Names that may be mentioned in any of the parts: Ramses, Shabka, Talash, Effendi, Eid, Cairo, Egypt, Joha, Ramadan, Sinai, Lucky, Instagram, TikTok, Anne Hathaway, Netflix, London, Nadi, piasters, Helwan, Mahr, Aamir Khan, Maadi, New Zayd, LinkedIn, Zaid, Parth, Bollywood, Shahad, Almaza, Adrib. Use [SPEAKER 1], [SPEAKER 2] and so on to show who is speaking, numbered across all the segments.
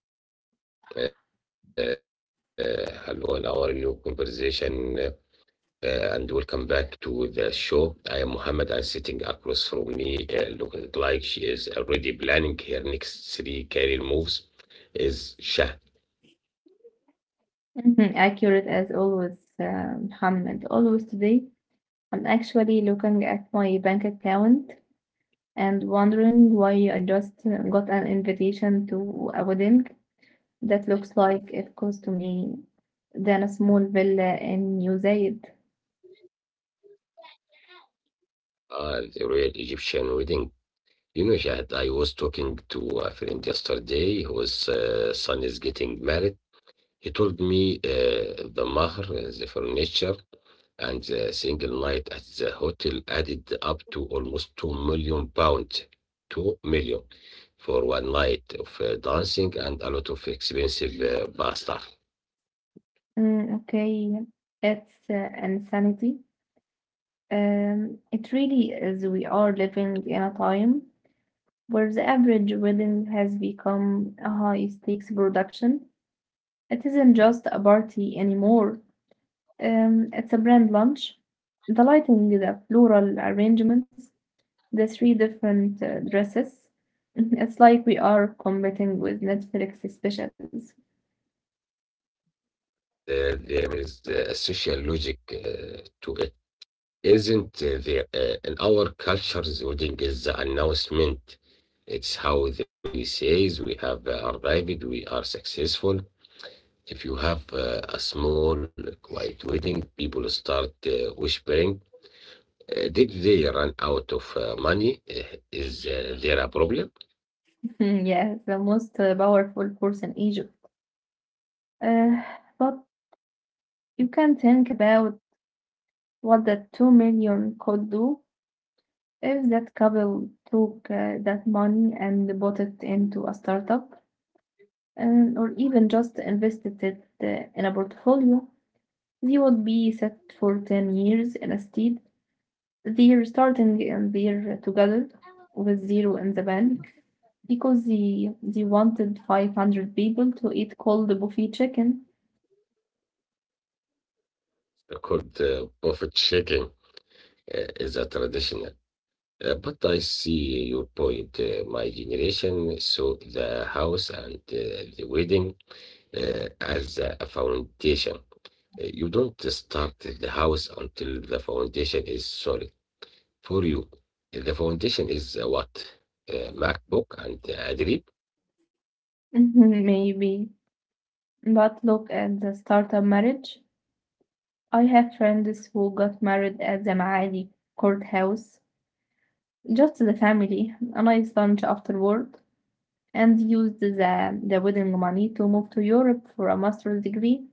[SPEAKER 1] Hello, everyone. Hello, and our new conversation. Uh, and welcome back to the show. I am Muhammad, and sitting across from me, looking like she is already planning her next three career moves, is Shah.
[SPEAKER 2] Mhm, accurate as always, Muhammad. Always today, I'm actually looking at my bank account and wondering why I just got an invitation to a wedding that looks like it cost me than a small villa in New Zayd.
[SPEAKER 1] Ah, the real Egyptian wedding. You know, Shahad, I was talking to a friend yesterday whose son is getting married. He told me the Mahr, the furniture, and the single night at the hotel added up to almost 2 million pounds. 2 million for one night of dancing and a lot of expensive bar stuff.
[SPEAKER 2] Mm, okay, it's insanity. It really is. We are living in a time where the average wedding has become a high stakes production. It isn't just a party anymore. It's a brand lunch. The lighting, the floral arrangements, the three different dresses. It's like we are competing with Netflix specials.
[SPEAKER 1] There is a social logic to it. Isn't there? In our culture, the wedding is the announcement. It's how the family says we have arrived, we are successful. If you have a small, quiet wedding, people start whispering. Did they run out of money? Is there a problem?
[SPEAKER 2] Hmm, yes, the most powerful force in Egypt. Uh, but you can think about what the 2 million could do. If that couple took that money and bought it into a startup, and, or even just invested it in a portfolio, they would be set for 10 years instead. They're starting and they're together with zero in the bank because they wanted 500 people to eat cold buffet chicken.
[SPEAKER 1] Called profit shaking is a traditional. But I see your point. My generation saw the house and the wedding as a foundation. You don't start the house until the foundation is solid. For you. The foundation is what? MacBook and Adrib.
[SPEAKER 2] Mhm, maybe. But look at the startup marriage. I have friends who got married at the Maali courthouse, just the family, a nice lunch afterward, and used the wedding money to move to Europe for a master's degree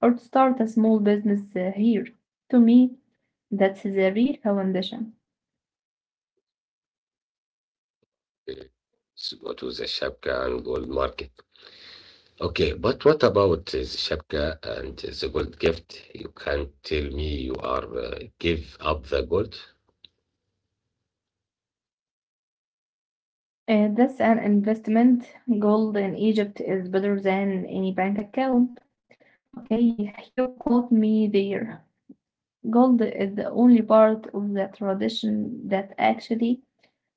[SPEAKER 2] or to start a small business here. To me, that's the real foundation.
[SPEAKER 1] Uh, what was the Shabka and gold market? Okay, but what about the Shabka and the gold gift? You can't tell me you are give up the gold.
[SPEAKER 2] That's an investment. Gold in Egypt is better than any bank account. Okay, you caught me there. Gold is the only part of the tradition that actually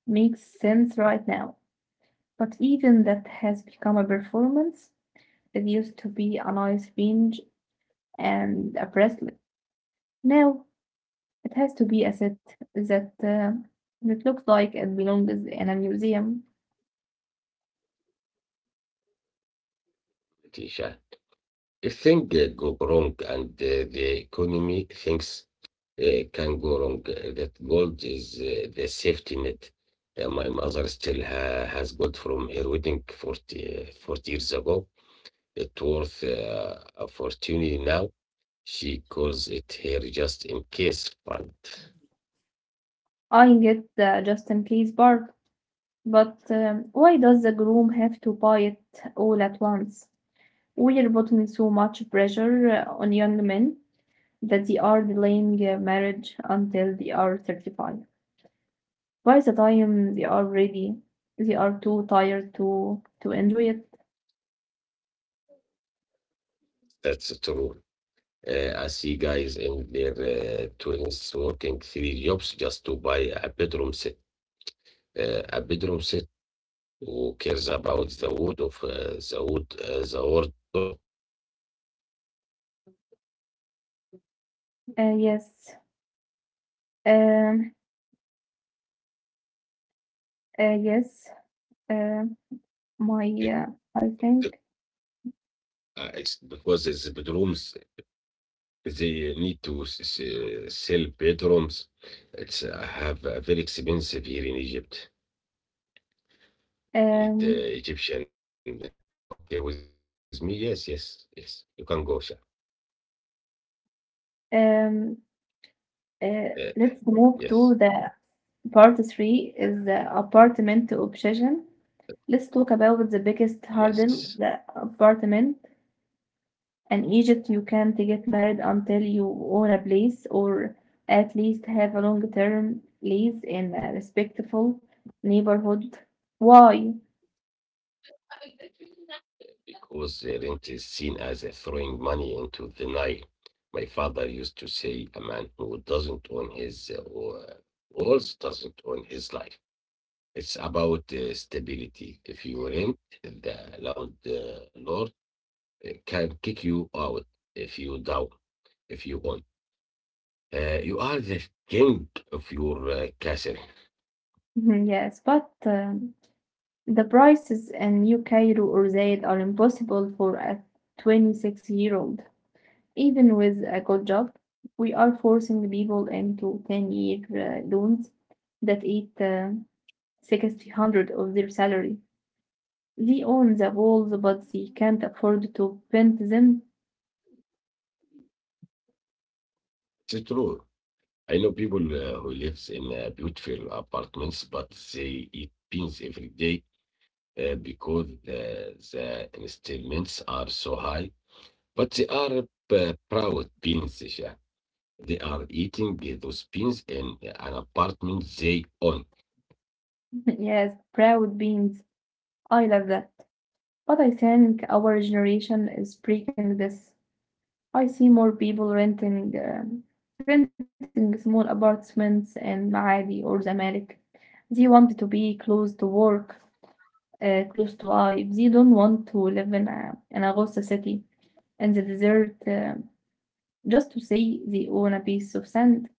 [SPEAKER 2] makes sense right now. But even that has become a performance. It used to be a nice fringe and a bracelet. Now it has to be a set that uh, that looks like it belongs in a museum.
[SPEAKER 1] Tisha. If things go wrong and the economy, things can go wrong. That gold is the safety net. My mother still has gold from her wedding 40, 40 years ago. It's worth a fortune now. She calls it her just in case fund.
[SPEAKER 2] I get the just in case part, but why does the groom have to buy it all at once? We're putting so much pressure on young men that they are delaying marriage until they are 35. By the time they are ready, they are too tired to enjoy it.
[SPEAKER 1] That's true. I see guys in their 20s working three jobs just to buy a bedroom set. A bedroom set, who cares about the wood of the wardrobe.
[SPEAKER 2] Yes. Um. Yes. Um. My
[SPEAKER 1] It,
[SPEAKER 2] I think,
[SPEAKER 1] it's because it's bedrooms. They need to sell bedrooms. It's have very expensive here in Egypt. Need
[SPEAKER 2] um
[SPEAKER 1] Egyptian. Okay, with me? Yes, yes, yes. You can go, Sha.
[SPEAKER 2] um
[SPEAKER 1] Uh,
[SPEAKER 2] uh,
[SPEAKER 1] yes,
[SPEAKER 2] let's move to the — part three is the apartment obsession. Let's talk about the biggest
[SPEAKER 1] yes.
[SPEAKER 2] hurdle, the apartment. In Egypt, you can't get married until you own a place or at least have a long-term lease in a respectful neighborhood. Why?
[SPEAKER 1] Because the rent is seen as throwing money into the Nile. My father used to say, a man who doesn't own his walls doesn't own his life. It's about stability. If you rent, the loud lord can kick you out if you down, if you own. You are the king of your castle.
[SPEAKER 2] Yes, but the prices in New or Zayed are impossible for a 26-year-old. Even with a good job, we are forcing people into 10 year loans that eat 60 hundred of their salary. They own the walls, but they can't afford to paint them.
[SPEAKER 1] It's true. I know people who lives in beautiful apartments, but they eat beans every day because the installments are so high. But they are proud beans. Yeah. They are eating those beans in an apartment they own.
[SPEAKER 2] Yes, proud beings. I love that. But I think our generation is breaking this. I see more people renting small apartments in Maadi or Zamalek. They want to be close to work, close to life. They don't want to live in a Goza city in the desert, just to say they own a piece of sand.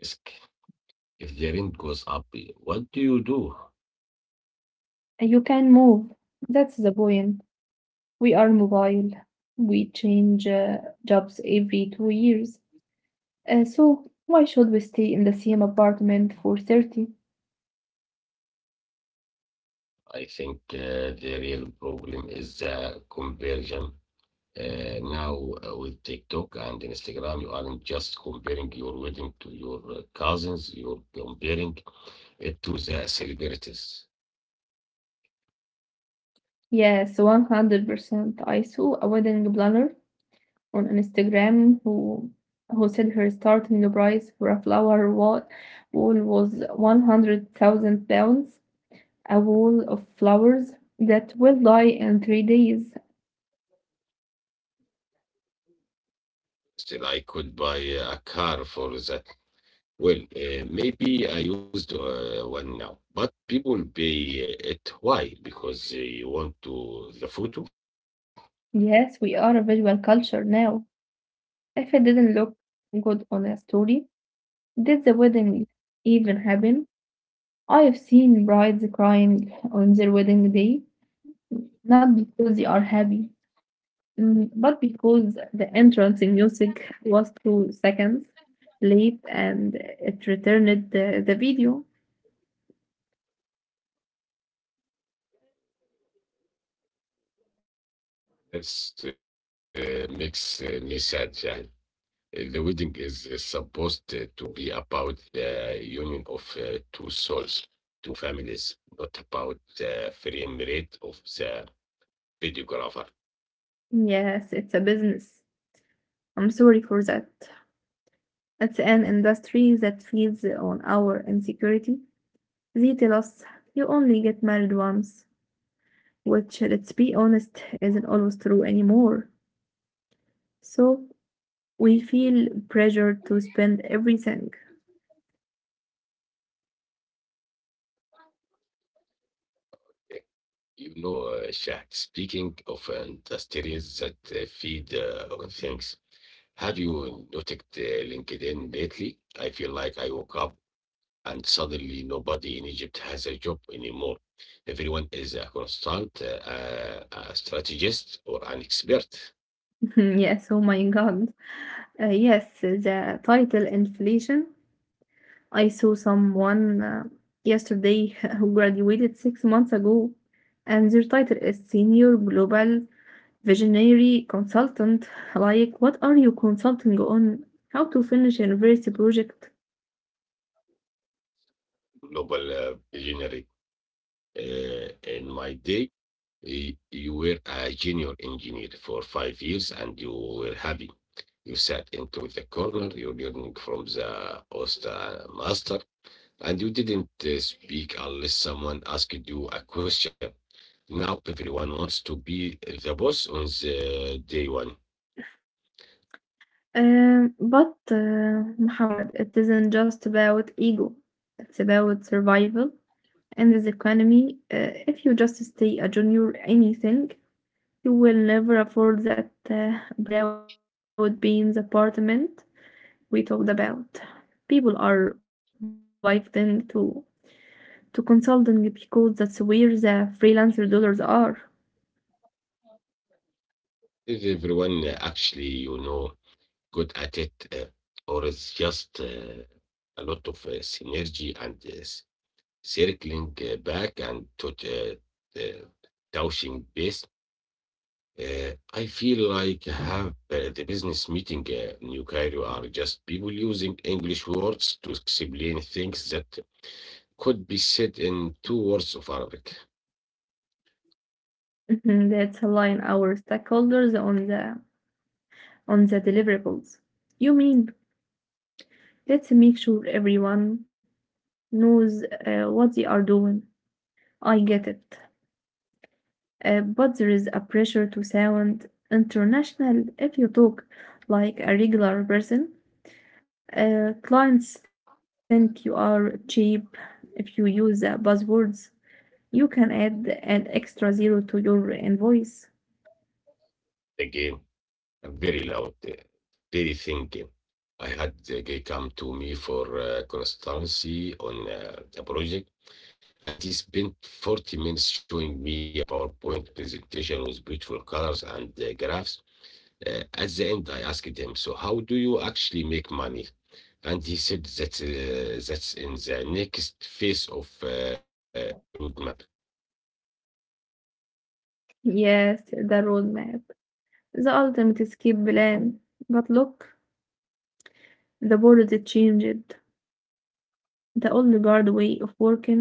[SPEAKER 1] Risk. If the rent goes up, eh, what do you do?
[SPEAKER 2] You can move. That's the point. We are mobile. We change jobs every 2 years. So why should we stay in the same apartment for 30?
[SPEAKER 1] I think the real problem is the conversion. Now, with TikTok and Instagram, you aren't just comparing your wedding to your cousins, you're comparing it to the celebrities.
[SPEAKER 2] Yes, 100%. I saw a wedding planner on Instagram who said her starting price for a flower wall was 100,000 pounds, a wall of flowers that will die in 3 days.
[SPEAKER 1] Still, I could buy a car for that. Well, maybe I used one now, but people pay it. Why? Because they want to the photo.
[SPEAKER 2] Yes, we are a visual culture now. If it didn't look good on a story, did the wedding even happen? I've seen brides crying on their wedding day, not because they are happy. But because the entrance in music was 2 seconds late and it returned the video.
[SPEAKER 1] That's makes me sad. Yeah. The wedding is supposed eh, to be about the union of two souls, two families, not about the frame rate of the videographer.
[SPEAKER 2] Yes, it's a business. I'm sorry for that. It's an industry that feeds on our insecurity. They tell us you only get married once, which, let's be honest, isn't always true anymore. So we feel pressured to spend everything.
[SPEAKER 1] You know, Shah, speaking of industries that feed on things, have you noticed LinkedIn lately? I feel like I woke up and suddenly nobody in Egypt has a job anymore. Everyone is a a strategist, or an expert.
[SPEAKER 2] Hmm, yes, oh my God. Yes, the title inflation. I saw someone yesterday who graduated 6 months ago, and their title is Senior Global Visionary Consultant. Like, what are you consulting on? How to finish a university project?
[SPEAKER 1] Global visionary. Uh, in my day, you were a junior engineer for 5 years and you were happy. You sat into the corner, you learning from the Osta master, and you didn't speak unless someone asked you a question. Now everyone wants to be the boss on the day one.
[SPEAKER 2] But, Muhammad, it isn't just about ego, it's about survival in this economy. If you just stay a junior anything, you will never afford that broad beans apartment we talked about. People are wifing to consulting because that's where the freelancer dollars are.
[SPEAKER 1] Is everyone actually, you know, good at it, or it's just a lot of synergy and circling back and to the touching base. I feel like have the business meeting New Cairo are just people using English words to explain things that could be said in two words of Arabic.
[SPEAKER 2] Let's align our stakeholders on the deliverables. You mean let's make sure everyone knows what they are doing. I get it, but there is a pressure to sound international if you talk like a regular person. Clients think you are cheap if you use buzzwords. You can add an extra zero to your invoice.
[SPEAKER 1] The game. Very loud, really thinking. I had the guy come to me for consultancy on a project, and he spent 40 minutes showing me a PowerPoint presentation with beautiful colors and graphs. At the end, I asked him, "So, how do you actually make money?" And he said that that's in the next phase of roadmap
[SPEAKER 2] Yes, the roadmap, the ultimate escape plan. But look, the world it changed. The old guard way of working,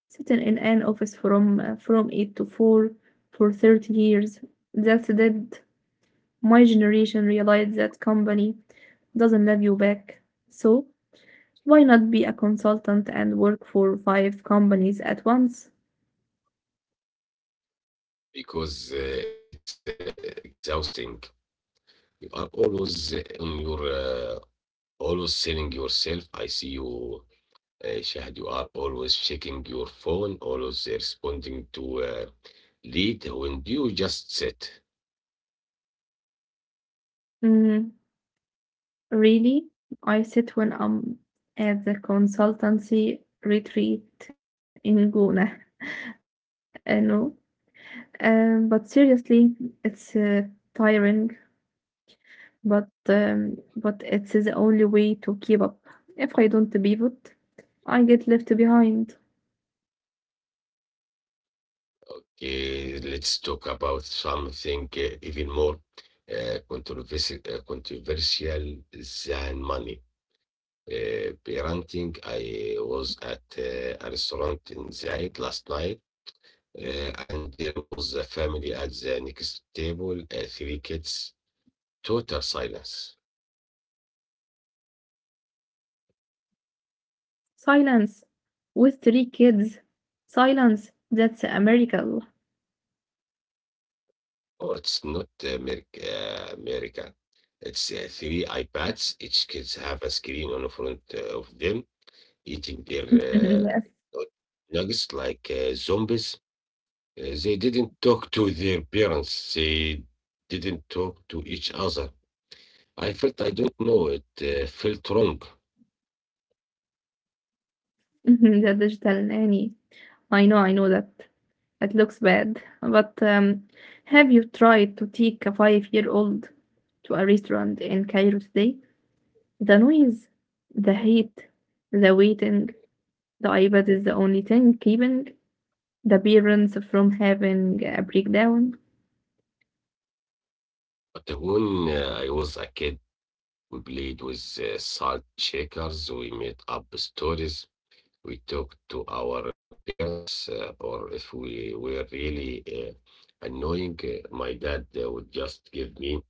[SPEAKER 2] sitting in an office from eight to four for 30 years. That's dead. My generation realized that company doesn't love you back. So why not be a consultant and work for five companies at once?
[SPEAKER 1] because it's exhausting. You are always on your always selling yourself. I see you, Shahad. You are always checking your phone, always responding to lead. When you just sit,
[SPEAKER 2] Mm, really? I sit when I'm at the consultancy retreat in Guna. I know. But seriously, it's tiring, but it's the only way to keep up. If I don't pivot, I get left behind.
[SPEAKER 1] let's talk about something even more controversial than money. Parenting. I was at a restaurant in Zaid last night, and there was a family at the next table, three kids. Total silence.
[SPEAKER 2] Silence with three kids. Silence, that's a miracle.
[SPEAKER 1] Oh, it's not American. It's three iPads. Each kids have a screen on the front of them, eating
[SPEAKER 2] Yes.
[SPEAKER 1] their nug- nuggets like zombies. They didn't talk to their parents. They didn't talk to each other. I felt I don't know. It felt wrong.
[SPEAKER 2] Mhm, the digital nanny. I know that. It looks bad. But have you tried to take a 5-year-old to a restaurant in Cairo today? The noise, the heat, the waiting, the iPad is the only thing keeping the parents from having a breakdown.
[SPEAKER 1] But when I was a kid, we played with salt shakers. We made up stories. We talk to our parents, or if we were really annoying, my dad would just give me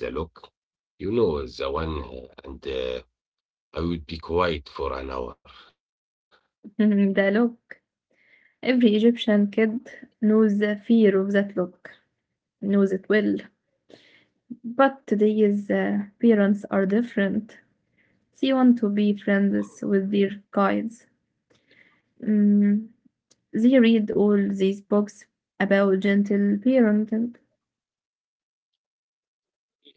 [SPEAKER 1] the look, you know, the one, and I would be quiet for an hour
[SPEAKER 2] Mhm, the look. Every Egyptian kid knows the fear of that look, knows it well. But today's parents are different. She want to be friends with their guides. Mm, they read all these books about gentle parenting.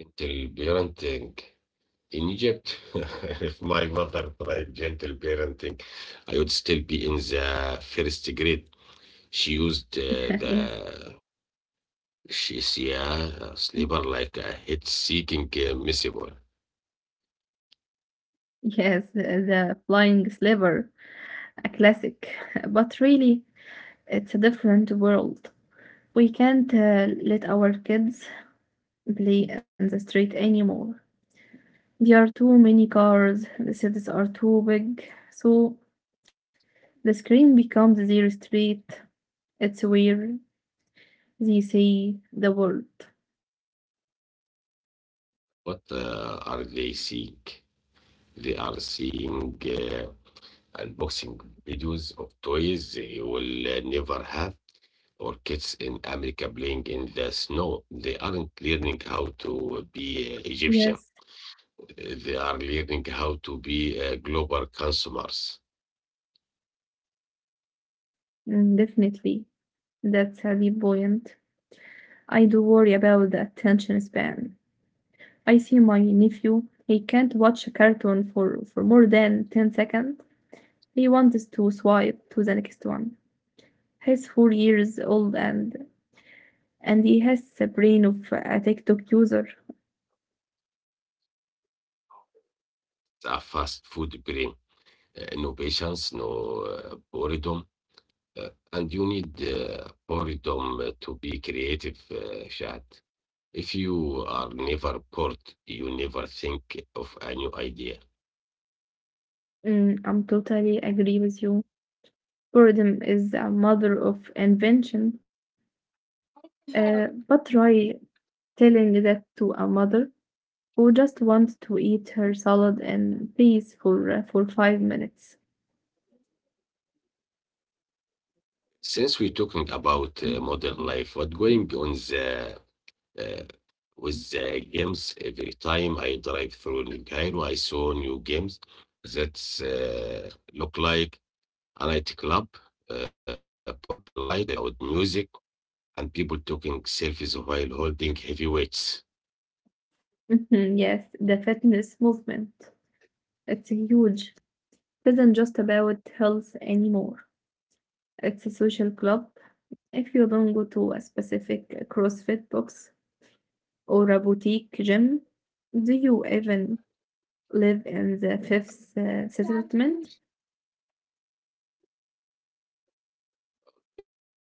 [SPEAKER 1] until parenting in Egypt. If my mother tried gentle parenting, I would still be in the first grade. She used
[SPEAKER 2] Yes.
[SPEAKER 1] the she's yeah, a sleeper like a hit seeking missile.
[SPEAKER 2] Yes, the flying sliver, a classic. But really, it's a different world. We can't let our kids play in the street anymore. There are too many cars, the cities are too big, so the screen becomes their street. It's where they see the world.
[SPEAKER 1] What are they seeing? They are seeing unboxing videos of toys they will never have, or kids in America playing in the snow. They aren't learning how to be
[SPEAKER 2] Yes,
[SPEAKER 1] Egyptian. They are learning how to be global consumers.
[SPEAKER 2] mm, definitely. That's heavy buoyant. I do worry about the attention span. I see my nephew, he can't watch a cartoon for more than 10 seconds. He wants to swipe to the next one. He's 4 years old and he has the brain of a TikTok user.
[SPEAKER 1] A fast food brain, no patience, no boredom. Uh, and you need boredom to be creative, Shad. If you are never bored, you never think of a new idea.
[SPEAKER 2] I'm totally agree with you. Boredom is a mother of invention. But try telling that to a mother who just wants to eat her salad in peace for 5 minutes.
[SPEAKER 1] Since we're talking about modern life, what's going on the uh, with the games. Every time I drive through New Cairo, I saw new games that look like a nightclub, purple light, loud music, and people taking selfies while holding heavy weights.
[SPEAKER 2] Mhm, yes, the fitness movement. It's huge. It isn't just about health anymore. It's a social club. If you don't go to a specific CrossFit box or a boutique gym, do you even live in the fifth settlement?
[SPEAKER 1] Okay.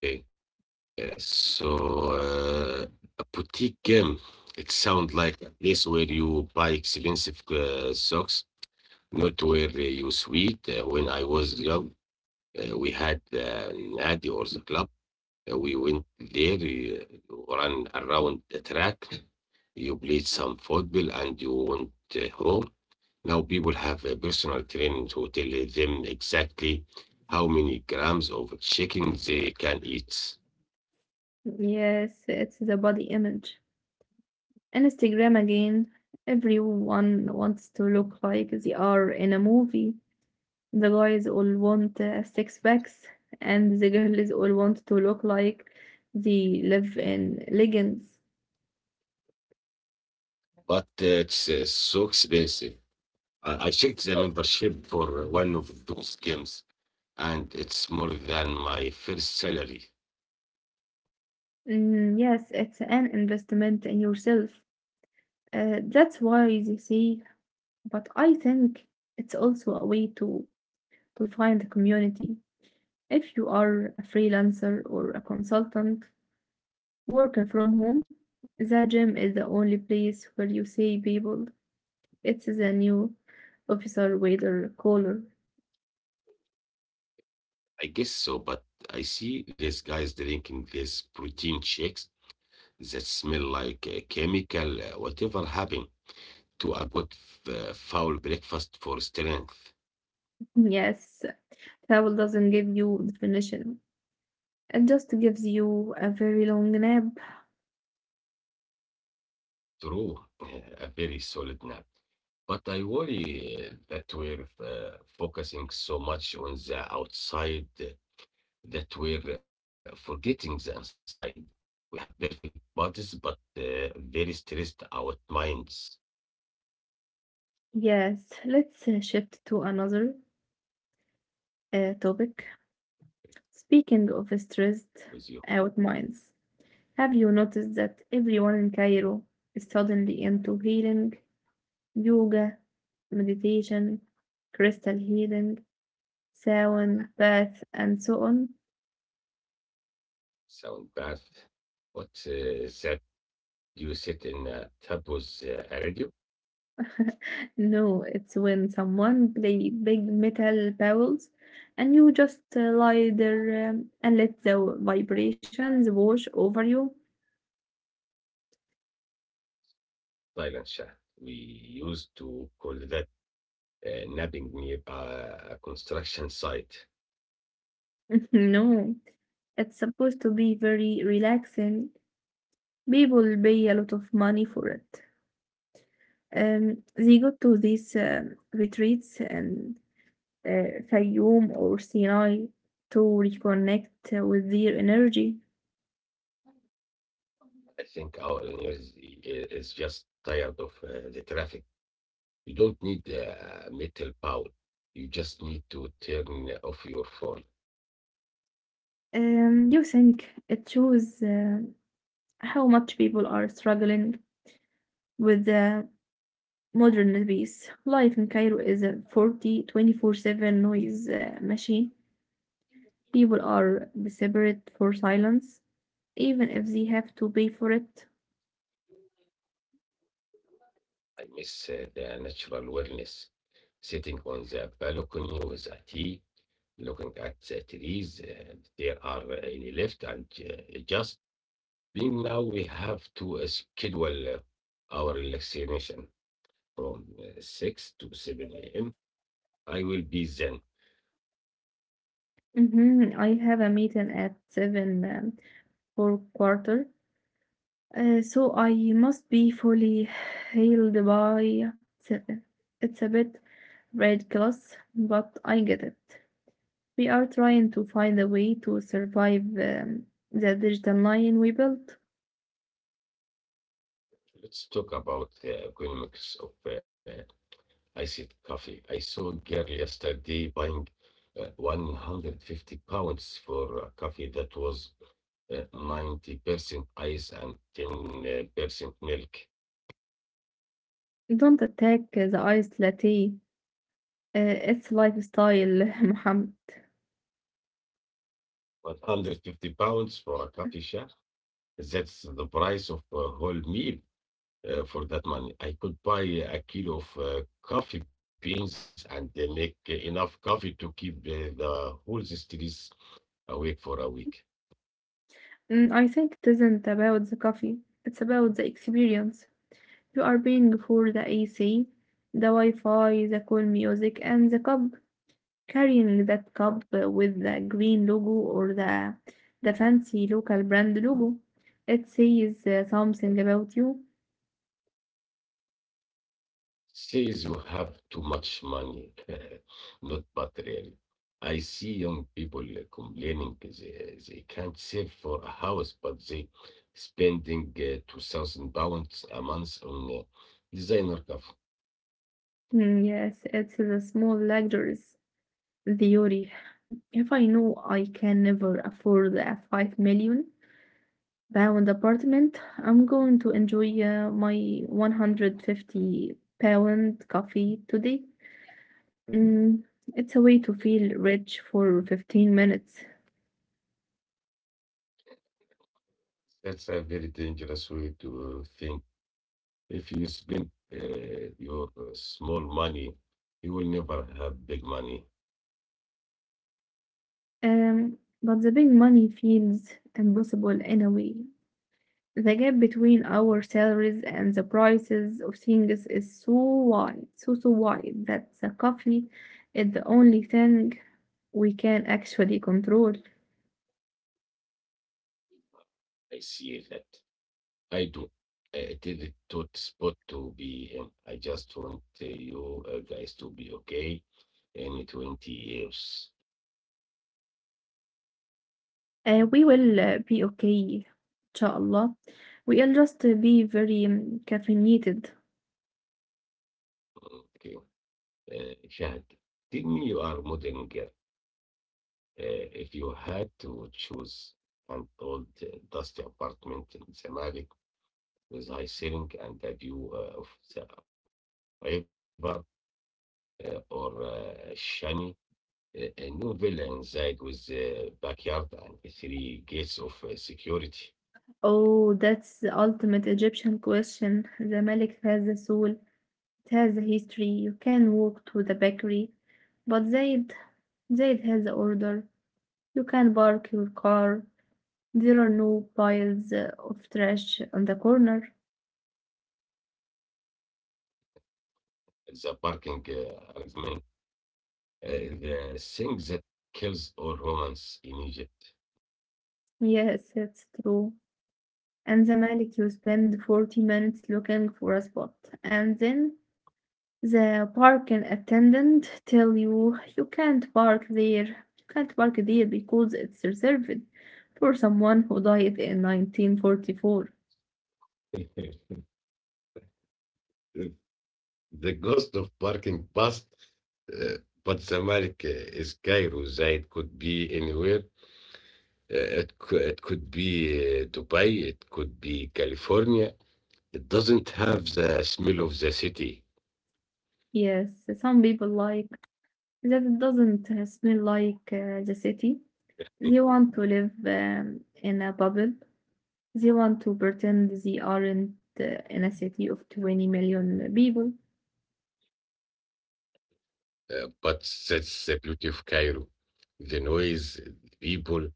[SPEAKER 1] So, a boutique game, it sounds like a place where you buy expensive socks, not where you sweat. When I was young, we had an Nadi or the club. We went there, you run around the track, you played some football, and you went home. Now people have a personal trainer to tell them exactly how many grams of chicken they can eat.
[SPEAKER 2] Yes, it's the body image. Instagram again, everyone wants to look like they are in a movie. The guys all want six packs, and the girls all want to look like they live in legends.
[SPEAKER 1] But it's so expensive. I checked the membership for one of those games, and it's more than my first salary.
[SPEAKER 2] Mm, yes, it's an investment in yourself. That's why they say, but I think it's also a way to find a community. If you are a freelancer or a consultant working from home, the gym is the only place where you see people. It's the new officer, waiter, caller.
[SPEAKER 1] I guess so, but I see these guys drinking these protein shakes that smell like chemical, whatever happened to a good foul breakfast for strength.
[SPEAKER 2] Yes, travel doesn't give you definition. It just gives you a very long nap.
[SPEAKER 1] True, a very solid nap. But I worry that we're focusing so much on the outside that we're forgetting the inside. We have perfect bodies, but very stressed out minds
[SPEAKER 2] Yes, let's shift to another topic. Speaking of
[SPEAKER 1] with you.
[SPEAKER 2] stressed out minds, have you noticed that everyone in Cairo is suddenly into healing, yoga, meditation, crystal healing, sauna, bath, and so on?
[SPEAKER 1] Sound bad. What is that you sit in Tapo's a radio
[SPEAKER 2] No, it's when someone play big metal bowls and you just lie there, and let the vibrations wash over you.
[SPEAKER 1] silent shaft. We used to call that napping near a construction site.
[SPEAKER 2] No, it's supposed to be very relaxing. People pay a lot of money for it. They go to these retreats and Fayoum or Sinai to reconnect with their energy.
[SPEAKER 1] I think our engineers is just tired of the traffic. You don't need a metal pole. You just need to turn off your phone.
[SPEAKER 2] You think it shows how much people are struggling with the modern pace. Life in Cairo is a forty twenty 7 noise machine. People are desperate for silence, even if they have to pay for it.
[SPEAKER 1] I miss the natural awareness, sitting on the balcony with a tea looking at cities, there are any left and just being now we have to schedule our relaxation from 6 to 7 a.m. I will be zen.
[SPEAKER 2] Mhm, I have a meeting at 7, for quarter, so I must be fully healed by 7. It's a bit red glass, but I get it. We are trying to find a way to survive, the digital line we built.
[SPEAKER 1] Let's talk about the economics of iced coffee. I saw a girl yesterday buying 150 pounds for a coffee that was 90% ice and 10% milk.
[SPEAKER 2] Don't attack the iced latte. It's lifestyle, Mohammed.
[SPEAKER 1] 150 pounds for a coffee shop. That's the price of a whole meal for that money. I could buy a kilo of coffee beans and make enough coffee to keep the whole streets awake for a week.
[SPEAKER 2] I think it isn't about the coffee. It's about the experience. You are paying for the AC, the Wi-Fi, the cool music, and the cup. Carrying that cup with the green logo or the fancy local brand logo, it says something about you.
[SPEAKER 1] Says you have too much money, not but really. I see young people complaining they can't save for a house, but they spending 2,000 pounds a month on designer stuff.
[SPEAKER 2] Yes, it's the small luxuries, theory. If I know I can never afford a 5 million pound apartment, I'm going to enjoy my 150 pound coffee today. Mm, it's a way to feel rich for 15 minutes.
[SPEAKER 1] That's a very dangerous way to think. If you spend your small money, you will never have big money.
[SPEAKER 2] Um, but the big money feels impossible in a way. The gap between our salaries and the prices of things is so wide, so wide that the coffee is the only thing we can actually control.
[SPEAKER 1] I see that. I do. It is a tough spot to be in. I just want you guys to be okay in 20 years.
[SPEAKER 2] We will be okay, inshallah. We'll just be very caffeinated.
[SPEAKER 1] Okay. Shahad, tell me you are modern girl. If you had to choose an old dusty apartment in Zamalek with high ceiling and a view of the river or Shani, a new villa inside with a backyard and three gates of security.
[SPEAKER 2] Oh, that's the ultimate Egyptian question. The Malik has a soul, it has a history. You can walk to the bakery, but Zaid has the order. You can park your car. There are no piles of trash on the corner.
[SPEAKER 1] The parking arrangement, uh, the thing that kills all romance in Egypt.
[SPEAKER 2] Yes, it's true. And the Malik, you spend 40 minutes looking for a spot, and then the parking attendant tell you you can't park there. You can't park there because it's reserved for someone who died in 1944.
[SPEAKER 1] The ghost of parking past, uh, but Zamalek is Cairo. Zaid could be anywhere. It could be Dubai. It could be California. It doesn't have the smell of the city.
[SPEAKER 2] Yes, some people like that it doesn't smell like the city. They want to live in a bubble. They want to pretend they aren't uh, in a city of 20 million people.
[SPEAKER 1] But that's the beauty of Cairo. The noise, the people,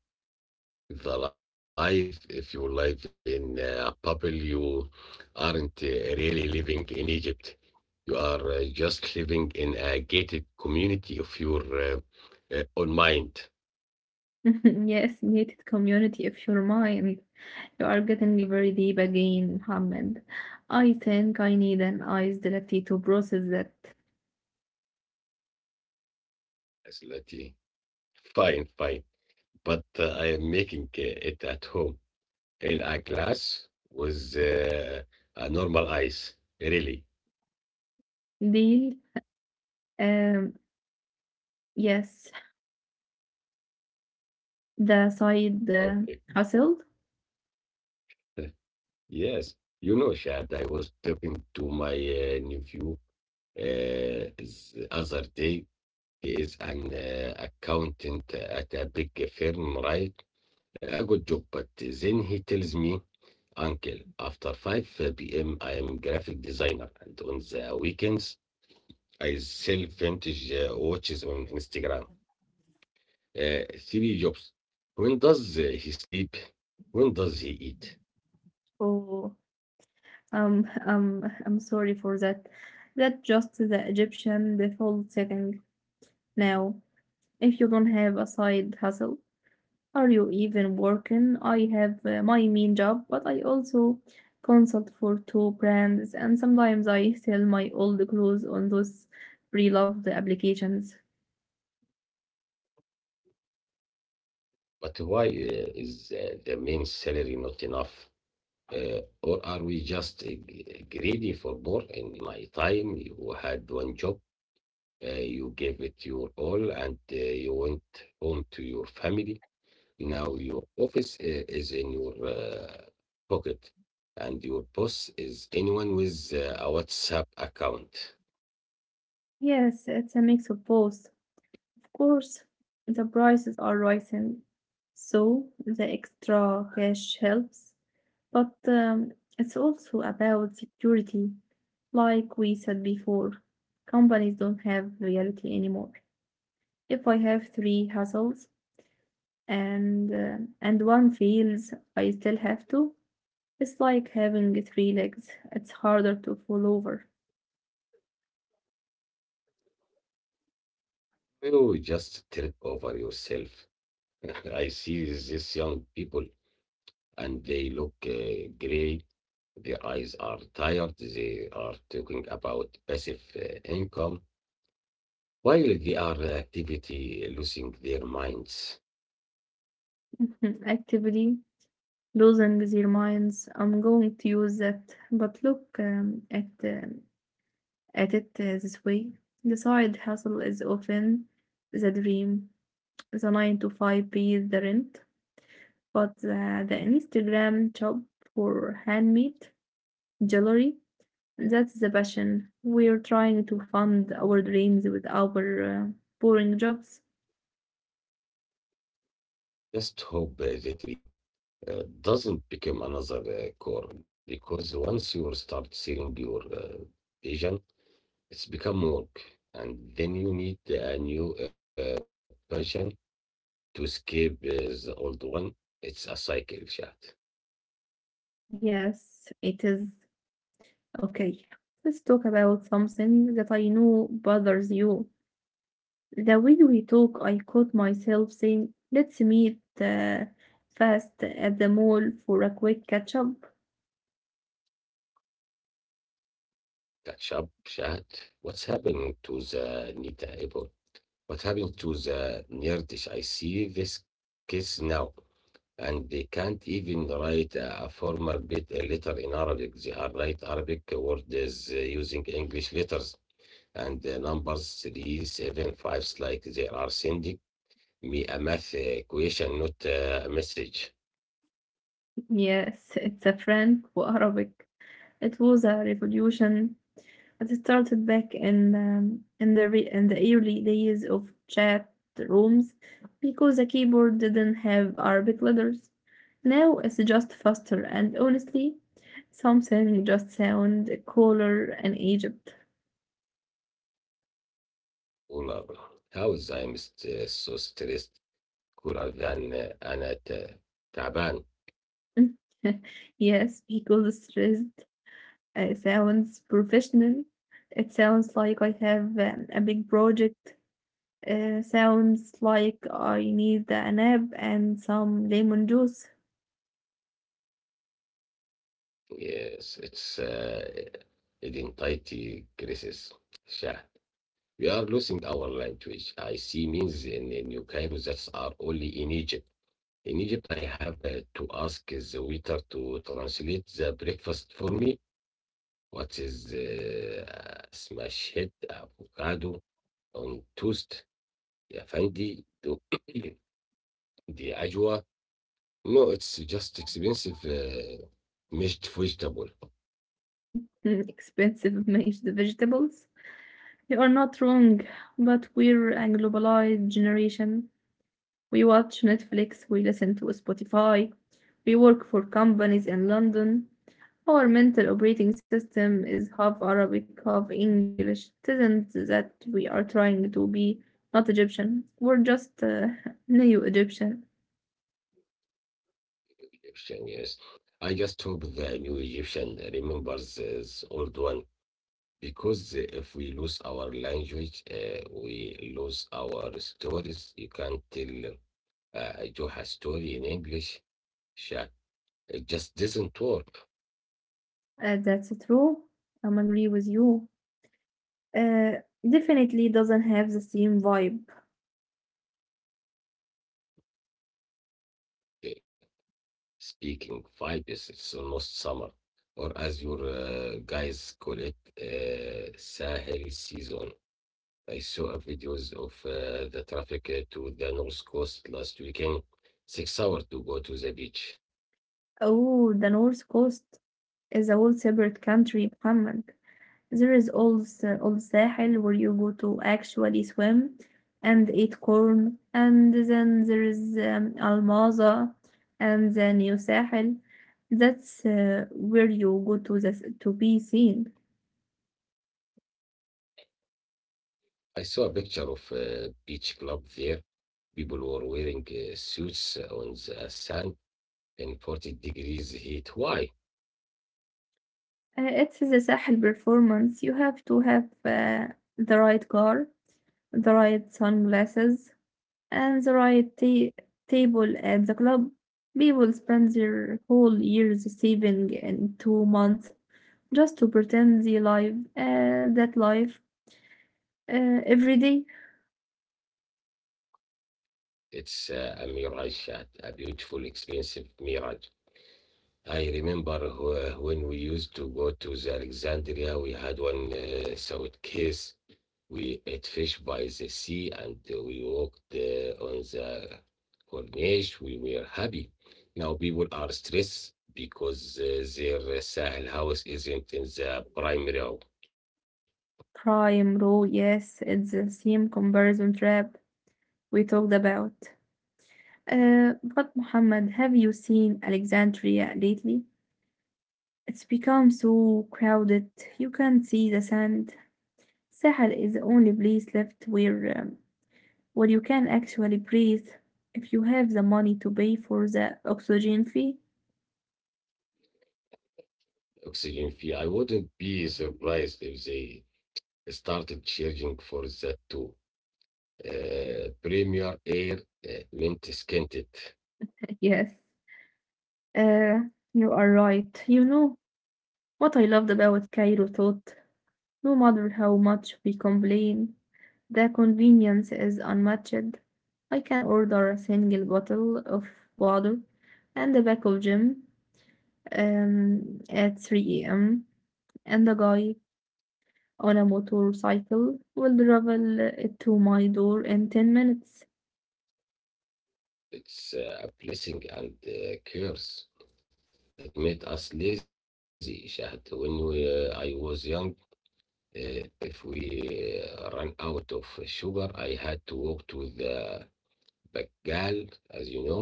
[SPEAKER 1] the life. If you live in a bubble, you aren't really living in Egypt. You are just living in a gated community of your own mind.
[SPEAKER 2] Yes, gated community of your mind. You are getting very deep again, Mohammed. I think I need an ice latte to process that
[SPEAKER 1] As Lati. Fine, fine. But I am making it at home in a glass with a normal ice. Really?
[SPEAKER 2] deal. Um, yes, the side
[SPEAKER 1] Okay.
[SPEAKER 2] hustle.
[SPEAKER 1] Yes, you know, Shad, I was talking to my nephew the other day. He is an accountant at a big firm, right? A good job. But then he tells me, Uncle, after 5 p.m., I am graphic designer, and on the weekends, I sell vintage watches on Instagram. Three jobs. When does he sleep? When does he eat?
[SPEAKER 2] Oh, I'm sorry for that. That just the Egyptian default setting now. If you don't have a side hustle, are you even working? I have my main job, but I also consult for two brands, and sometimes I sell my old clothes on those pre-loved applications.
[SPEAKER 1] But why is the main salary not enough? Or are we just greedy for more? In my time, you had one job, you gave it your all, and you went home to your family. Now your office is in your pocket, and your boss is anyone with a WhatsApp account.
[SPEAKER 2] Yes, it's a mix of both. Of course, the prices are rising, so the extra cash helps, but it's also about security. Like we said before, companies don't have loyalty anymore. If I have three hustles, and one feels I still have to. It's like having three legs. It's harder to fall over.
[SPEAKER 1] You just trip over yourself. I see these young people and they look gray. Their eyes are tired. They are talking about passive income while they are activity losing their minds.
[SPEAKER 2] Actively losing their minds. I'm going to use that, but look at it this way. The side hustle is often the dream, the nine to five pays the rent, but the Instagram job for handmade jewelry. That's the passion. We're trying to fund our dreams with our boring jobs.
[SPEAKER 1] Just hope that tree doesn't become another core because once you start seeing your vision, it's become work, and then you need a new passion to escape the old one. It's a cycle, chat.
[SPEAKER 2] Yes, it is. Okay, let's talk about something that I know bothers you. The way we talk, I caught myself saying, let's meet fast at the mall for a quick catch up.
[SPEAKER 1] Catch up chat. What's happening to the Nita Apple? What happened to the Nerdish? I see this case now, and they can't even write a formal bit a letter in Arabic. They are write Arabic words using English letters and numbers three, seven, fives, like they are sending me a math question, not a message.
[SPEAKER 2] Yes, it's a Franco-Arabic. It was a revolution. It started back in in the early days of chat rooms because the keyboard didn't have Arabic letters. Now it's just faster and honestly, something just sound cooler in Egypt.
[SPEAKER 1] All are, how is I'm st- so stressed? Cooler than أنا ت- تعبان.
[SPEAKER 2] Yes, because the stressed sounds professional. It sounds like I have a big project. Sounds like I need a nap and some lemon juice.
[SPEAKER 1] Yes, it's identity crisis. Sha- We are losing our language. I see means in New Cairo that are only in Egypt. In Egypt, I have to ask the waiter to translate the breakfast for me. What is smash head, avocado on toast, ya fandi, do the ajwa? No, it's just expensive mashed vegetable.
[SPEAKER 2] Mm, expensive mashed vegetables. You are not wrong, but we're a globalized generation. We watch Netflix, we listen to Spotify, we work for companies in London. Our mental operating system is half Arabic, half English. It isn't that we are trying to be not Egyptian, we're just neo Egyptian.
[SPEAKER 1] Egyptian, yes. I just hope the new Egyptian remembers his old one because if we lose our language, we lose our stories. You can't tell a Joha story in English. Sha- It just doesn't work.
[SPEAKER 2] That's true. I'm agree with you. Uh, definitely doesn't have the same vibe.
[SPEAKER 1] Uh, Speaking vibes, it's almost summer, or as your guys call it, Sahel season. I saw a videos of the traffic to the North Coast last weekend. 6 hours to go to the beach.
[SPEAKER 2] Oh, the North Coast is a whole separate country, Muhammad. There is also Old Sahel where you go to actually swim and eat corn, and then there is Almaza and the New Sahel. That's where you go to be seen.
[SPEAKER 1] I saw a picture of a beach club there. People were wearing suits on the sand in 40 degrees heat. Why?
[SPEAKER 2] It is a Sahel performance. You have to have the right car, the right sunglasses, and the right table at the club. People spend their whole years saving in 2 months just to pretend they live that life every day.
[SPEAKER 1] It's a mirage, a beautiful, expensive mirage. I remember when we used to go to the Alexandria, we had one suitcase. We ate fish by the sea and we walked on the corniche. We were happy. Now people are stressed because their Sahel house isn't in the primary
[SPEAKER 2] Crime row, yes, it's the same comparison trap we talked about. But Muhammad, have you seen Alexandria lately? It's become so crowded, you can't see the sand. Sahel is the only place left where you can actually breathe if you have the money to pay for the oxygen fee.
[SPEAKER 1] oxygen fee. I wouldn't be surprised if they started charging for that too. Premier air meant scented.
[SPEAKER 2] Yes, uh, you are right. You know what I loved about Cairo thought? No matter how much we complain, the convenience is unmatched. I can order a single bottle of water and a bag of gym at 3 a.m., and the guy on a motorcycle will travel it to my door in 10 minutes.
[SPEAKER 1] It's a blessing and a curse. It made us lazy, Shahad. When I was young, if we run out of sugar, I had to walk to the Bagal, as you know,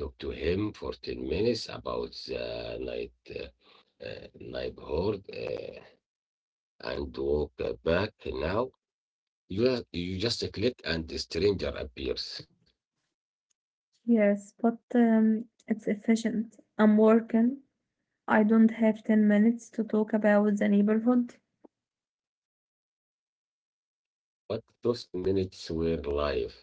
[SPEAKER 1] talk to him for 10 minutes about the night, neighborhood, and walk back now. You just click and the stranger appears.
[SPEAKER 2] Yes, but it's efficient. I'm working. I don't have 10 minutes to talk about the neighborhood.
[SPEAKER 1] But those 10 minutes were live.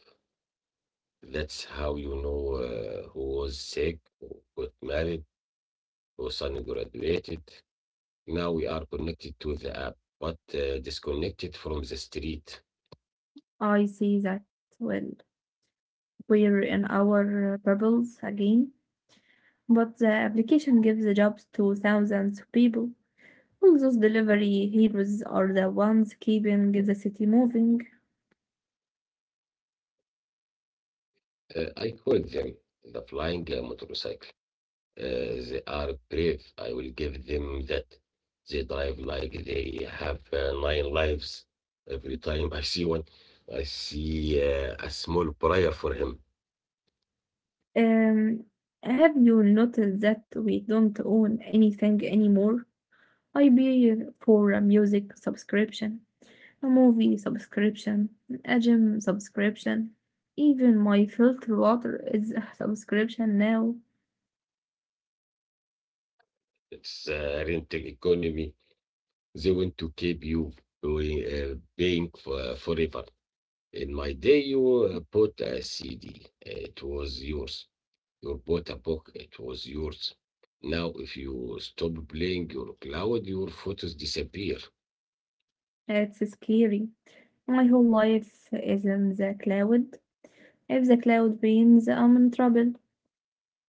[SPEAKER 1] That's how you know who was sick, who got married, who son graduated. Now we are connected to the app, but disconnected from the street.
[SPEAKER 2] I see that. Well, we're in our bubbles again, but the application gives the jobs to thousands of people. All those delivery heroes are the ones keeping the city moving.
[SPEAKER 1] I call them the flying motorcycle. They are brave. I will give them that. They drive like they have nine lives. Every time I see one, I see a small prayer for him.
[SPEAKER 2] Um, have you noticed that we don't own anything anymore? I pay for a music subscription, a movie subscription, a gym subscription. Even my filter water is a subscription now.
[SPEAKER 1] It's rental economy. They want to keep you going, paying for forever. In my day, you bought a CD. It was yours. You bought a book. It was yours. Now, if you stop playing your cloud, your photos disappear.
[SPEAKER 2] It's scary. My whole life is in the cloud. If the cloud rains, I'm in trouble.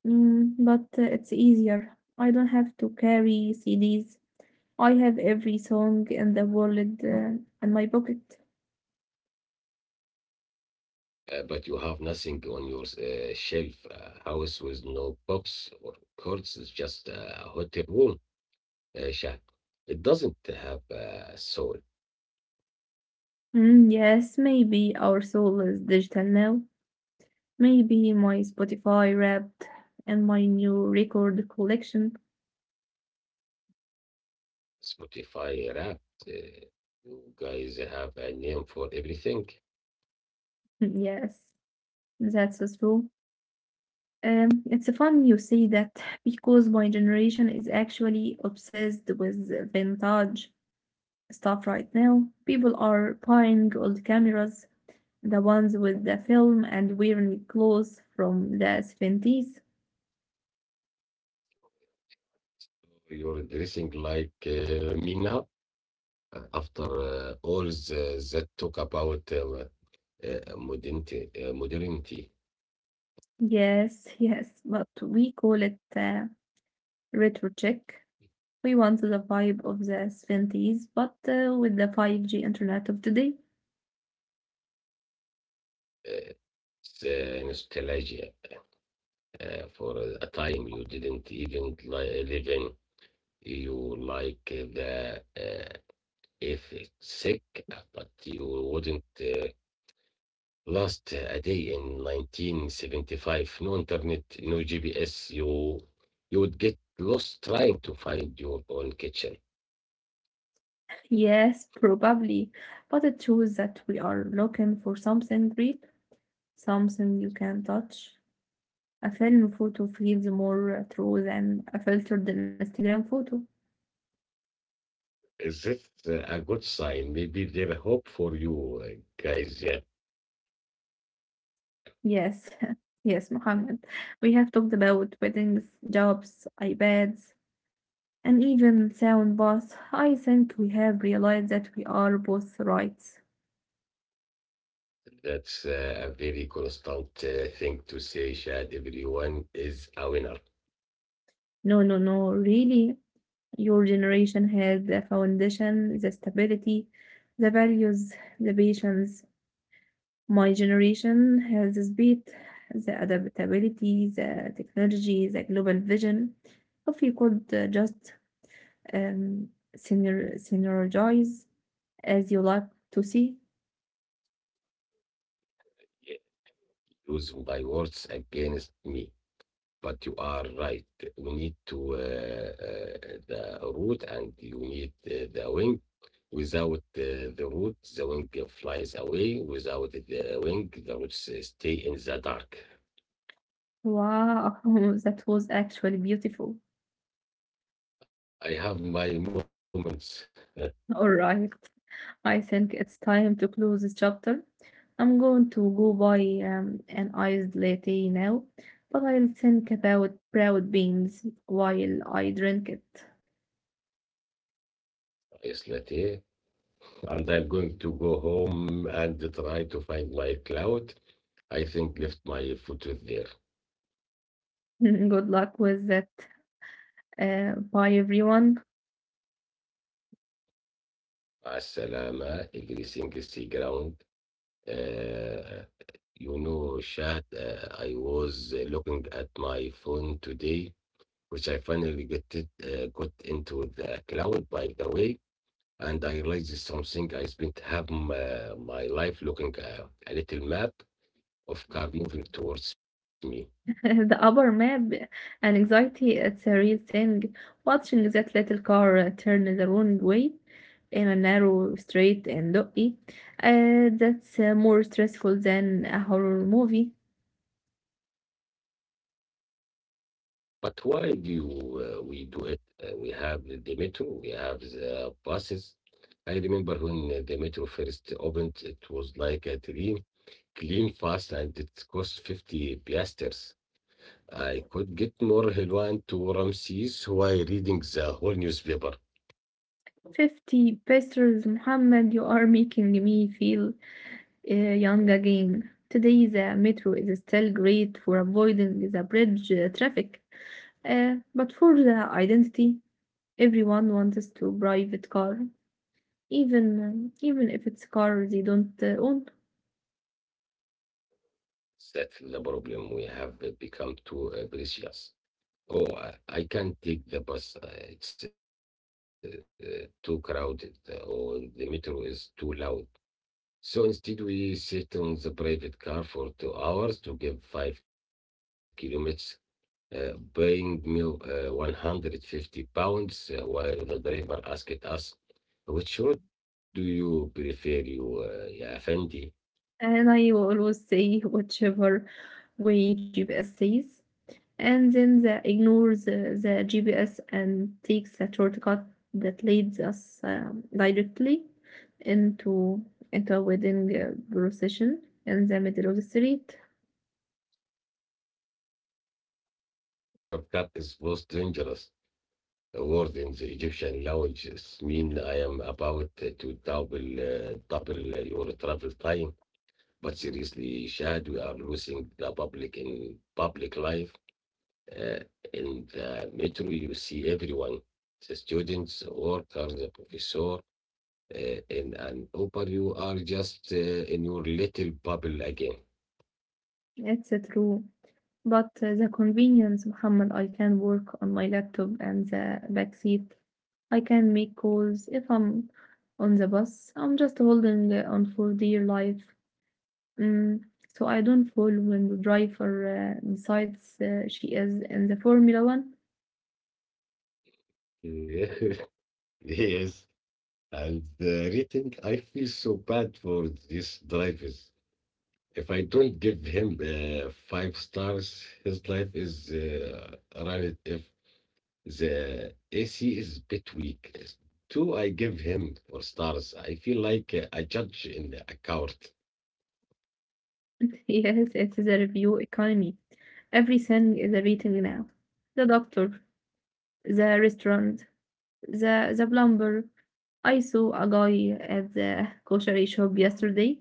[SPEAKER 2] Mm, but it's easier. I don't have to carry CDs. I have every song in the world in my pocket.
[SPEAKER 1] But you have nothing on your shelf. A house with no books or cards is just a hotel room. Shaq. It doesn't have a soul.
[SPEAKER 2] Mm, yes, maybe our soul is digital now. Maybe my Spotify wrapped and my new record collection.
[SPEAKER 1] Spotify Wrapped. Uh, you guys have a name for everything.
[SPEAKER 2] Mm, yes, that's so true. It's fun you say that because my generation is actually obsessed with vintage stuff right now. People are buying old cameras, the ones with the film and wearing clothes from the 70s.
[SPEAKER 1] You're dressing like me now. After all that talk about modernity,
[SPEAKER 2] Yes, yes, but we call it retro check. We want the vibe of the 70s, but with the 5G internet of today.
[SPEAKER 1] uh, the nostalgia for a time you didn't even live in. You like the if it's sick, but you wouldn't. Lost a day in 1975. No internet, no GPS. You would get lost trying to find your own kitchen.
[SPEAKER 2] Yes, probably. But it shows that we are looking for something real, something you can touch. A film photo feels more true than a filtered Instagram photo.
[SPEAKER 1] Is this a good sign? Maybe there hope for you guys. Yeah,
[SPEAKER 2] Yes, yes, Mohammed. We have talked about weddings, jobs, iPads, and even sound bath. I think we have realized that we are both right.
[SPEAKER 1] that's a very constant thing to say, Shad. Everyone is a winner.
[SPEAKER 2] No, no, no, really. Your generation has the foundation, the stability, the values, the patience. My generation has the speed, the adaptability, the technology, the global vision. If you could just um, synergize as you like to see.
[SPEAKER 1] Yeah, use my words against me. But you are right. We need to the root and you need the wing. Without the root, the wing flies away. Without the wing, the roots stay in the dark.
[SPEAKER 2] Wow, that was actually beautiful.
[SPEAKER 1] I have my moments.
[SPEAKER 2] All right. I think it's time to close this chapter. I'm going to go buy an iced latte now, but I'll think about proud beans while I drink it.
[SPEAKER 1] Islati, and I'm going to go home and try to find my cloud. I think left my foot there.
[SPEAKER 2] Good luck with that. Bye everyone.
[SPEAKER 1] مع السلامة. Everything is ground. Uh, You know, Shad, I was looking at my phone today, which I finally got into the cloud, by the way, and I realized something. I spent half my life looking at a little map of car moving towards me.
[SPEAKER 2] The upper map and anxiety, it's a real thing. Watching that little car turn the wrong way in a narrow street in Lucky, that's more stressful than a horror movie.
[SPEAKER 1] But why do we do it? We have the metro, we have the buses. I remember when the metro first opened, it was like a dream, clean, fast, and it cost 50 piasters. I could get more Helwan to Ramses while reading the whole newspaper.
[SPEAKER 2] 50 pesos, Muhammad, you are making me feel young again. Today, the metro is still great for avoiding the bridge traffic, but for the identity, everyone wants to private car, even if it's a car they don't own.
[SPEAKER 1] That's the problem. We have become too precious. Oh, I can't take the bus. It's too crowded, or the metro is too loud. So instead, we sit on the private car for 2 hours to give 5 kilometers, paying me 150 pounds, while the driver asked us, which road do you prefer, ya Effendi?
[SPEAKER 2] And I will always say, whichever way GPS says, and then the ignores the GPS and takes the shortcut that leads us directly into into a wedding procession in the middle of the street.
[SPEAKER 1] The shortcut is most dangerous. A word in the Egyptian language means I am about to double your travel time. But seriously, Shad, we are losing the public in public life. Uh, in the metro, you see everyone, the students, workers, the professor. In an Uber, you are just in your little bubble again.
[SPEAKER 2] It's a true, but the convenience, Muhammad, I can work on my laptop and the back seat. I can make calls if I'm on the bus. I'm just holding on for dear life. Mm, so I don't fall when the driver decides she is in the Formula One.
[SPEAKER 1] Yes, and the rating, I feel so bad for this drivers. If I don't give him five stars, his life is run. If the AC is a bit weak, two, I give him four stars. I feel like a judge in a court.
[SPEAKER 2] Yes, it is a review economy. Everything is a rating now. The doctor, the restaurant, the plumber. I saw a guy at the grocery shop yesterday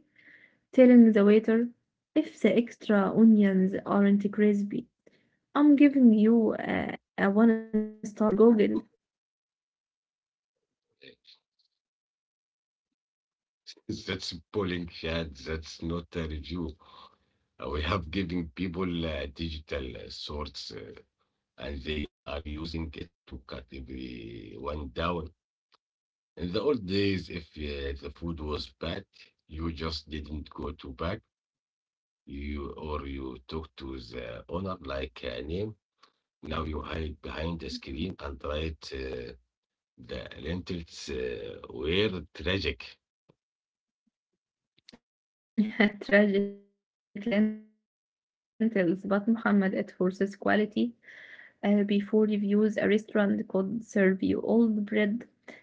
[SPEAKER 2] telling the waiter, if the extra onions aren't crispy, I'm giving you a one star on Google.
[SPEAKER 1] That's polling chat. That's not a review. We have given people digital swords, and they are using it to cut everyone down. In the old days, if the food was bad, you just didn't go to back. You or you talk to the owner like a name. Now you hide behind the screen and write the lentils were tragic.
[SPEAKER 2] Tragic lentils, but Muhammad, it forces quality. Before reviews, a restaurant could serve you old bread, and there was nothing you could do.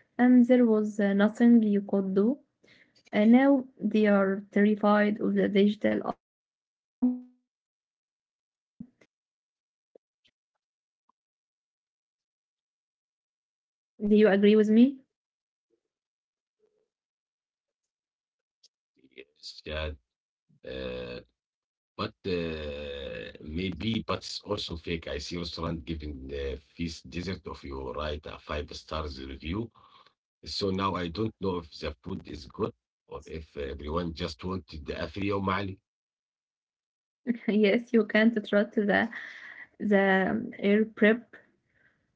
[SPEAKER 2] And now they are terrified of the digital eye. It's accountability. Do you agree with me?
[SPEAKER 1] Yes, yeah. Uh, But maybe, but it's also fake. I see restaurant giving the feast dessert of you write a five stars review. So now I don't know if the food is good or if everyone just wanted the Afri Yom Ali.
[SPEAKER 2] Yes, you can't trust the air prep.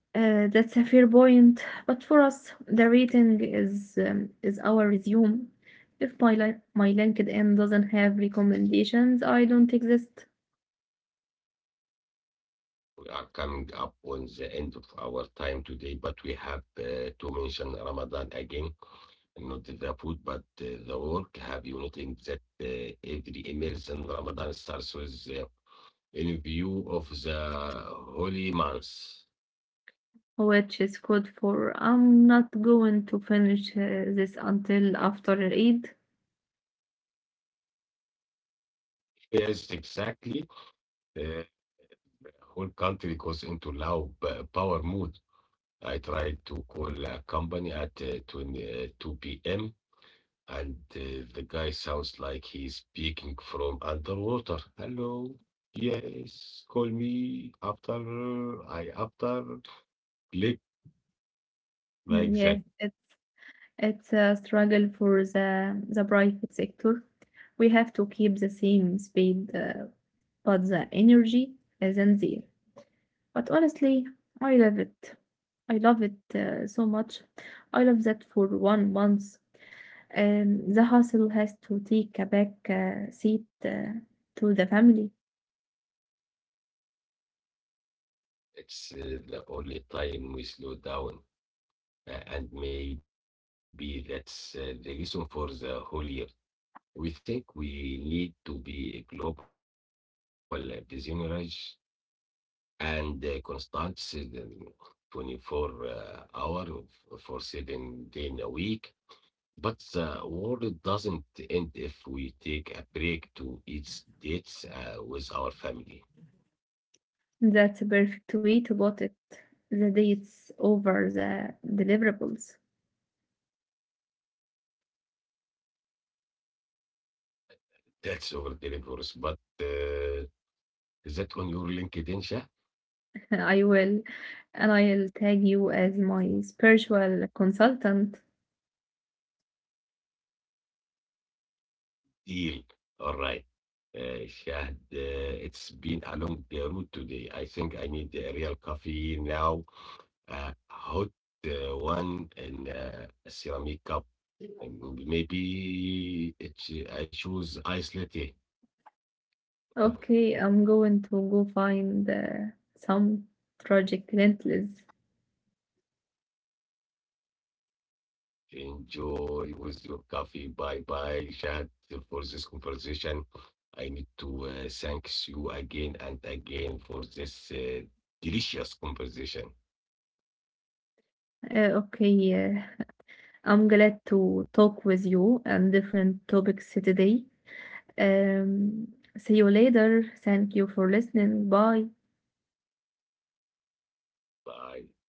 [SPEAKER 2] That's a fair point, but for us, the rating is our resume. If my LinkedIn doesn't have recommendations, I don't exist,
[SPEAKER 1] We are coming up on the end of our time today, but we have to mention Ramadan again. Not the food, but the work. Have you noticed that every meals in Ramadan starts with in view of the holy months.
[SPEAKER 2] which is code for I'm not going to finish this until after Eid.
[SPEAKER 1] Yes, exactly. The whole country goes into low power mode. I tried to call a company at 2 p.m. and the guy sounds like he's speaking from underwater. Hello. Yes, call me after I after click
[SPEAKER 2] Mm,
[SPEAKER 1] like that.
[SPEAKER 2] yes, it's a struggle for the private sector. We have to keep the same speed, but the energy isn't there. But honestly, I love it. I love it so much. I love that for 1 month. The hustle has to take a back seat to the family.
[SPEAKER 1] It's the only time we slow down and maybe that's the reason for the whole year. We think we need to be a global disemurrage and constant season 24 hour for 7 day in a week. But the world doesn't end if we take a break to eat dates with our family.
[SPEAKER 2] That's a perfect way to put it. The dates over the deliverables.
[SPEAKER 1] That's over delivers. But uh, is that on your LinkedIn, Shah?
[SPEAKER 2] I will, and I'll tag you as my spiritual consultant.
[SPEAKER 1] Deal. All right. Shahd, it's been a long route today. I think I need a real coffee now. Hot one in a ceramic cup. And maybe it's, I choose ice latte.
[SPEAKER 2] Okay, I'm going to go find some tragic lentils.
[SPEAKER 1] Enjoy with your coffee. Bye bye, Shahd, for this conversation. I need to thank you again and again for this delicious conversation.
[SPEAKER 2] Okay, I'm glad to talk with you and different topics today. Um, See you later. Thank you for listening. Bye.
[SPEAKER 1] Bye.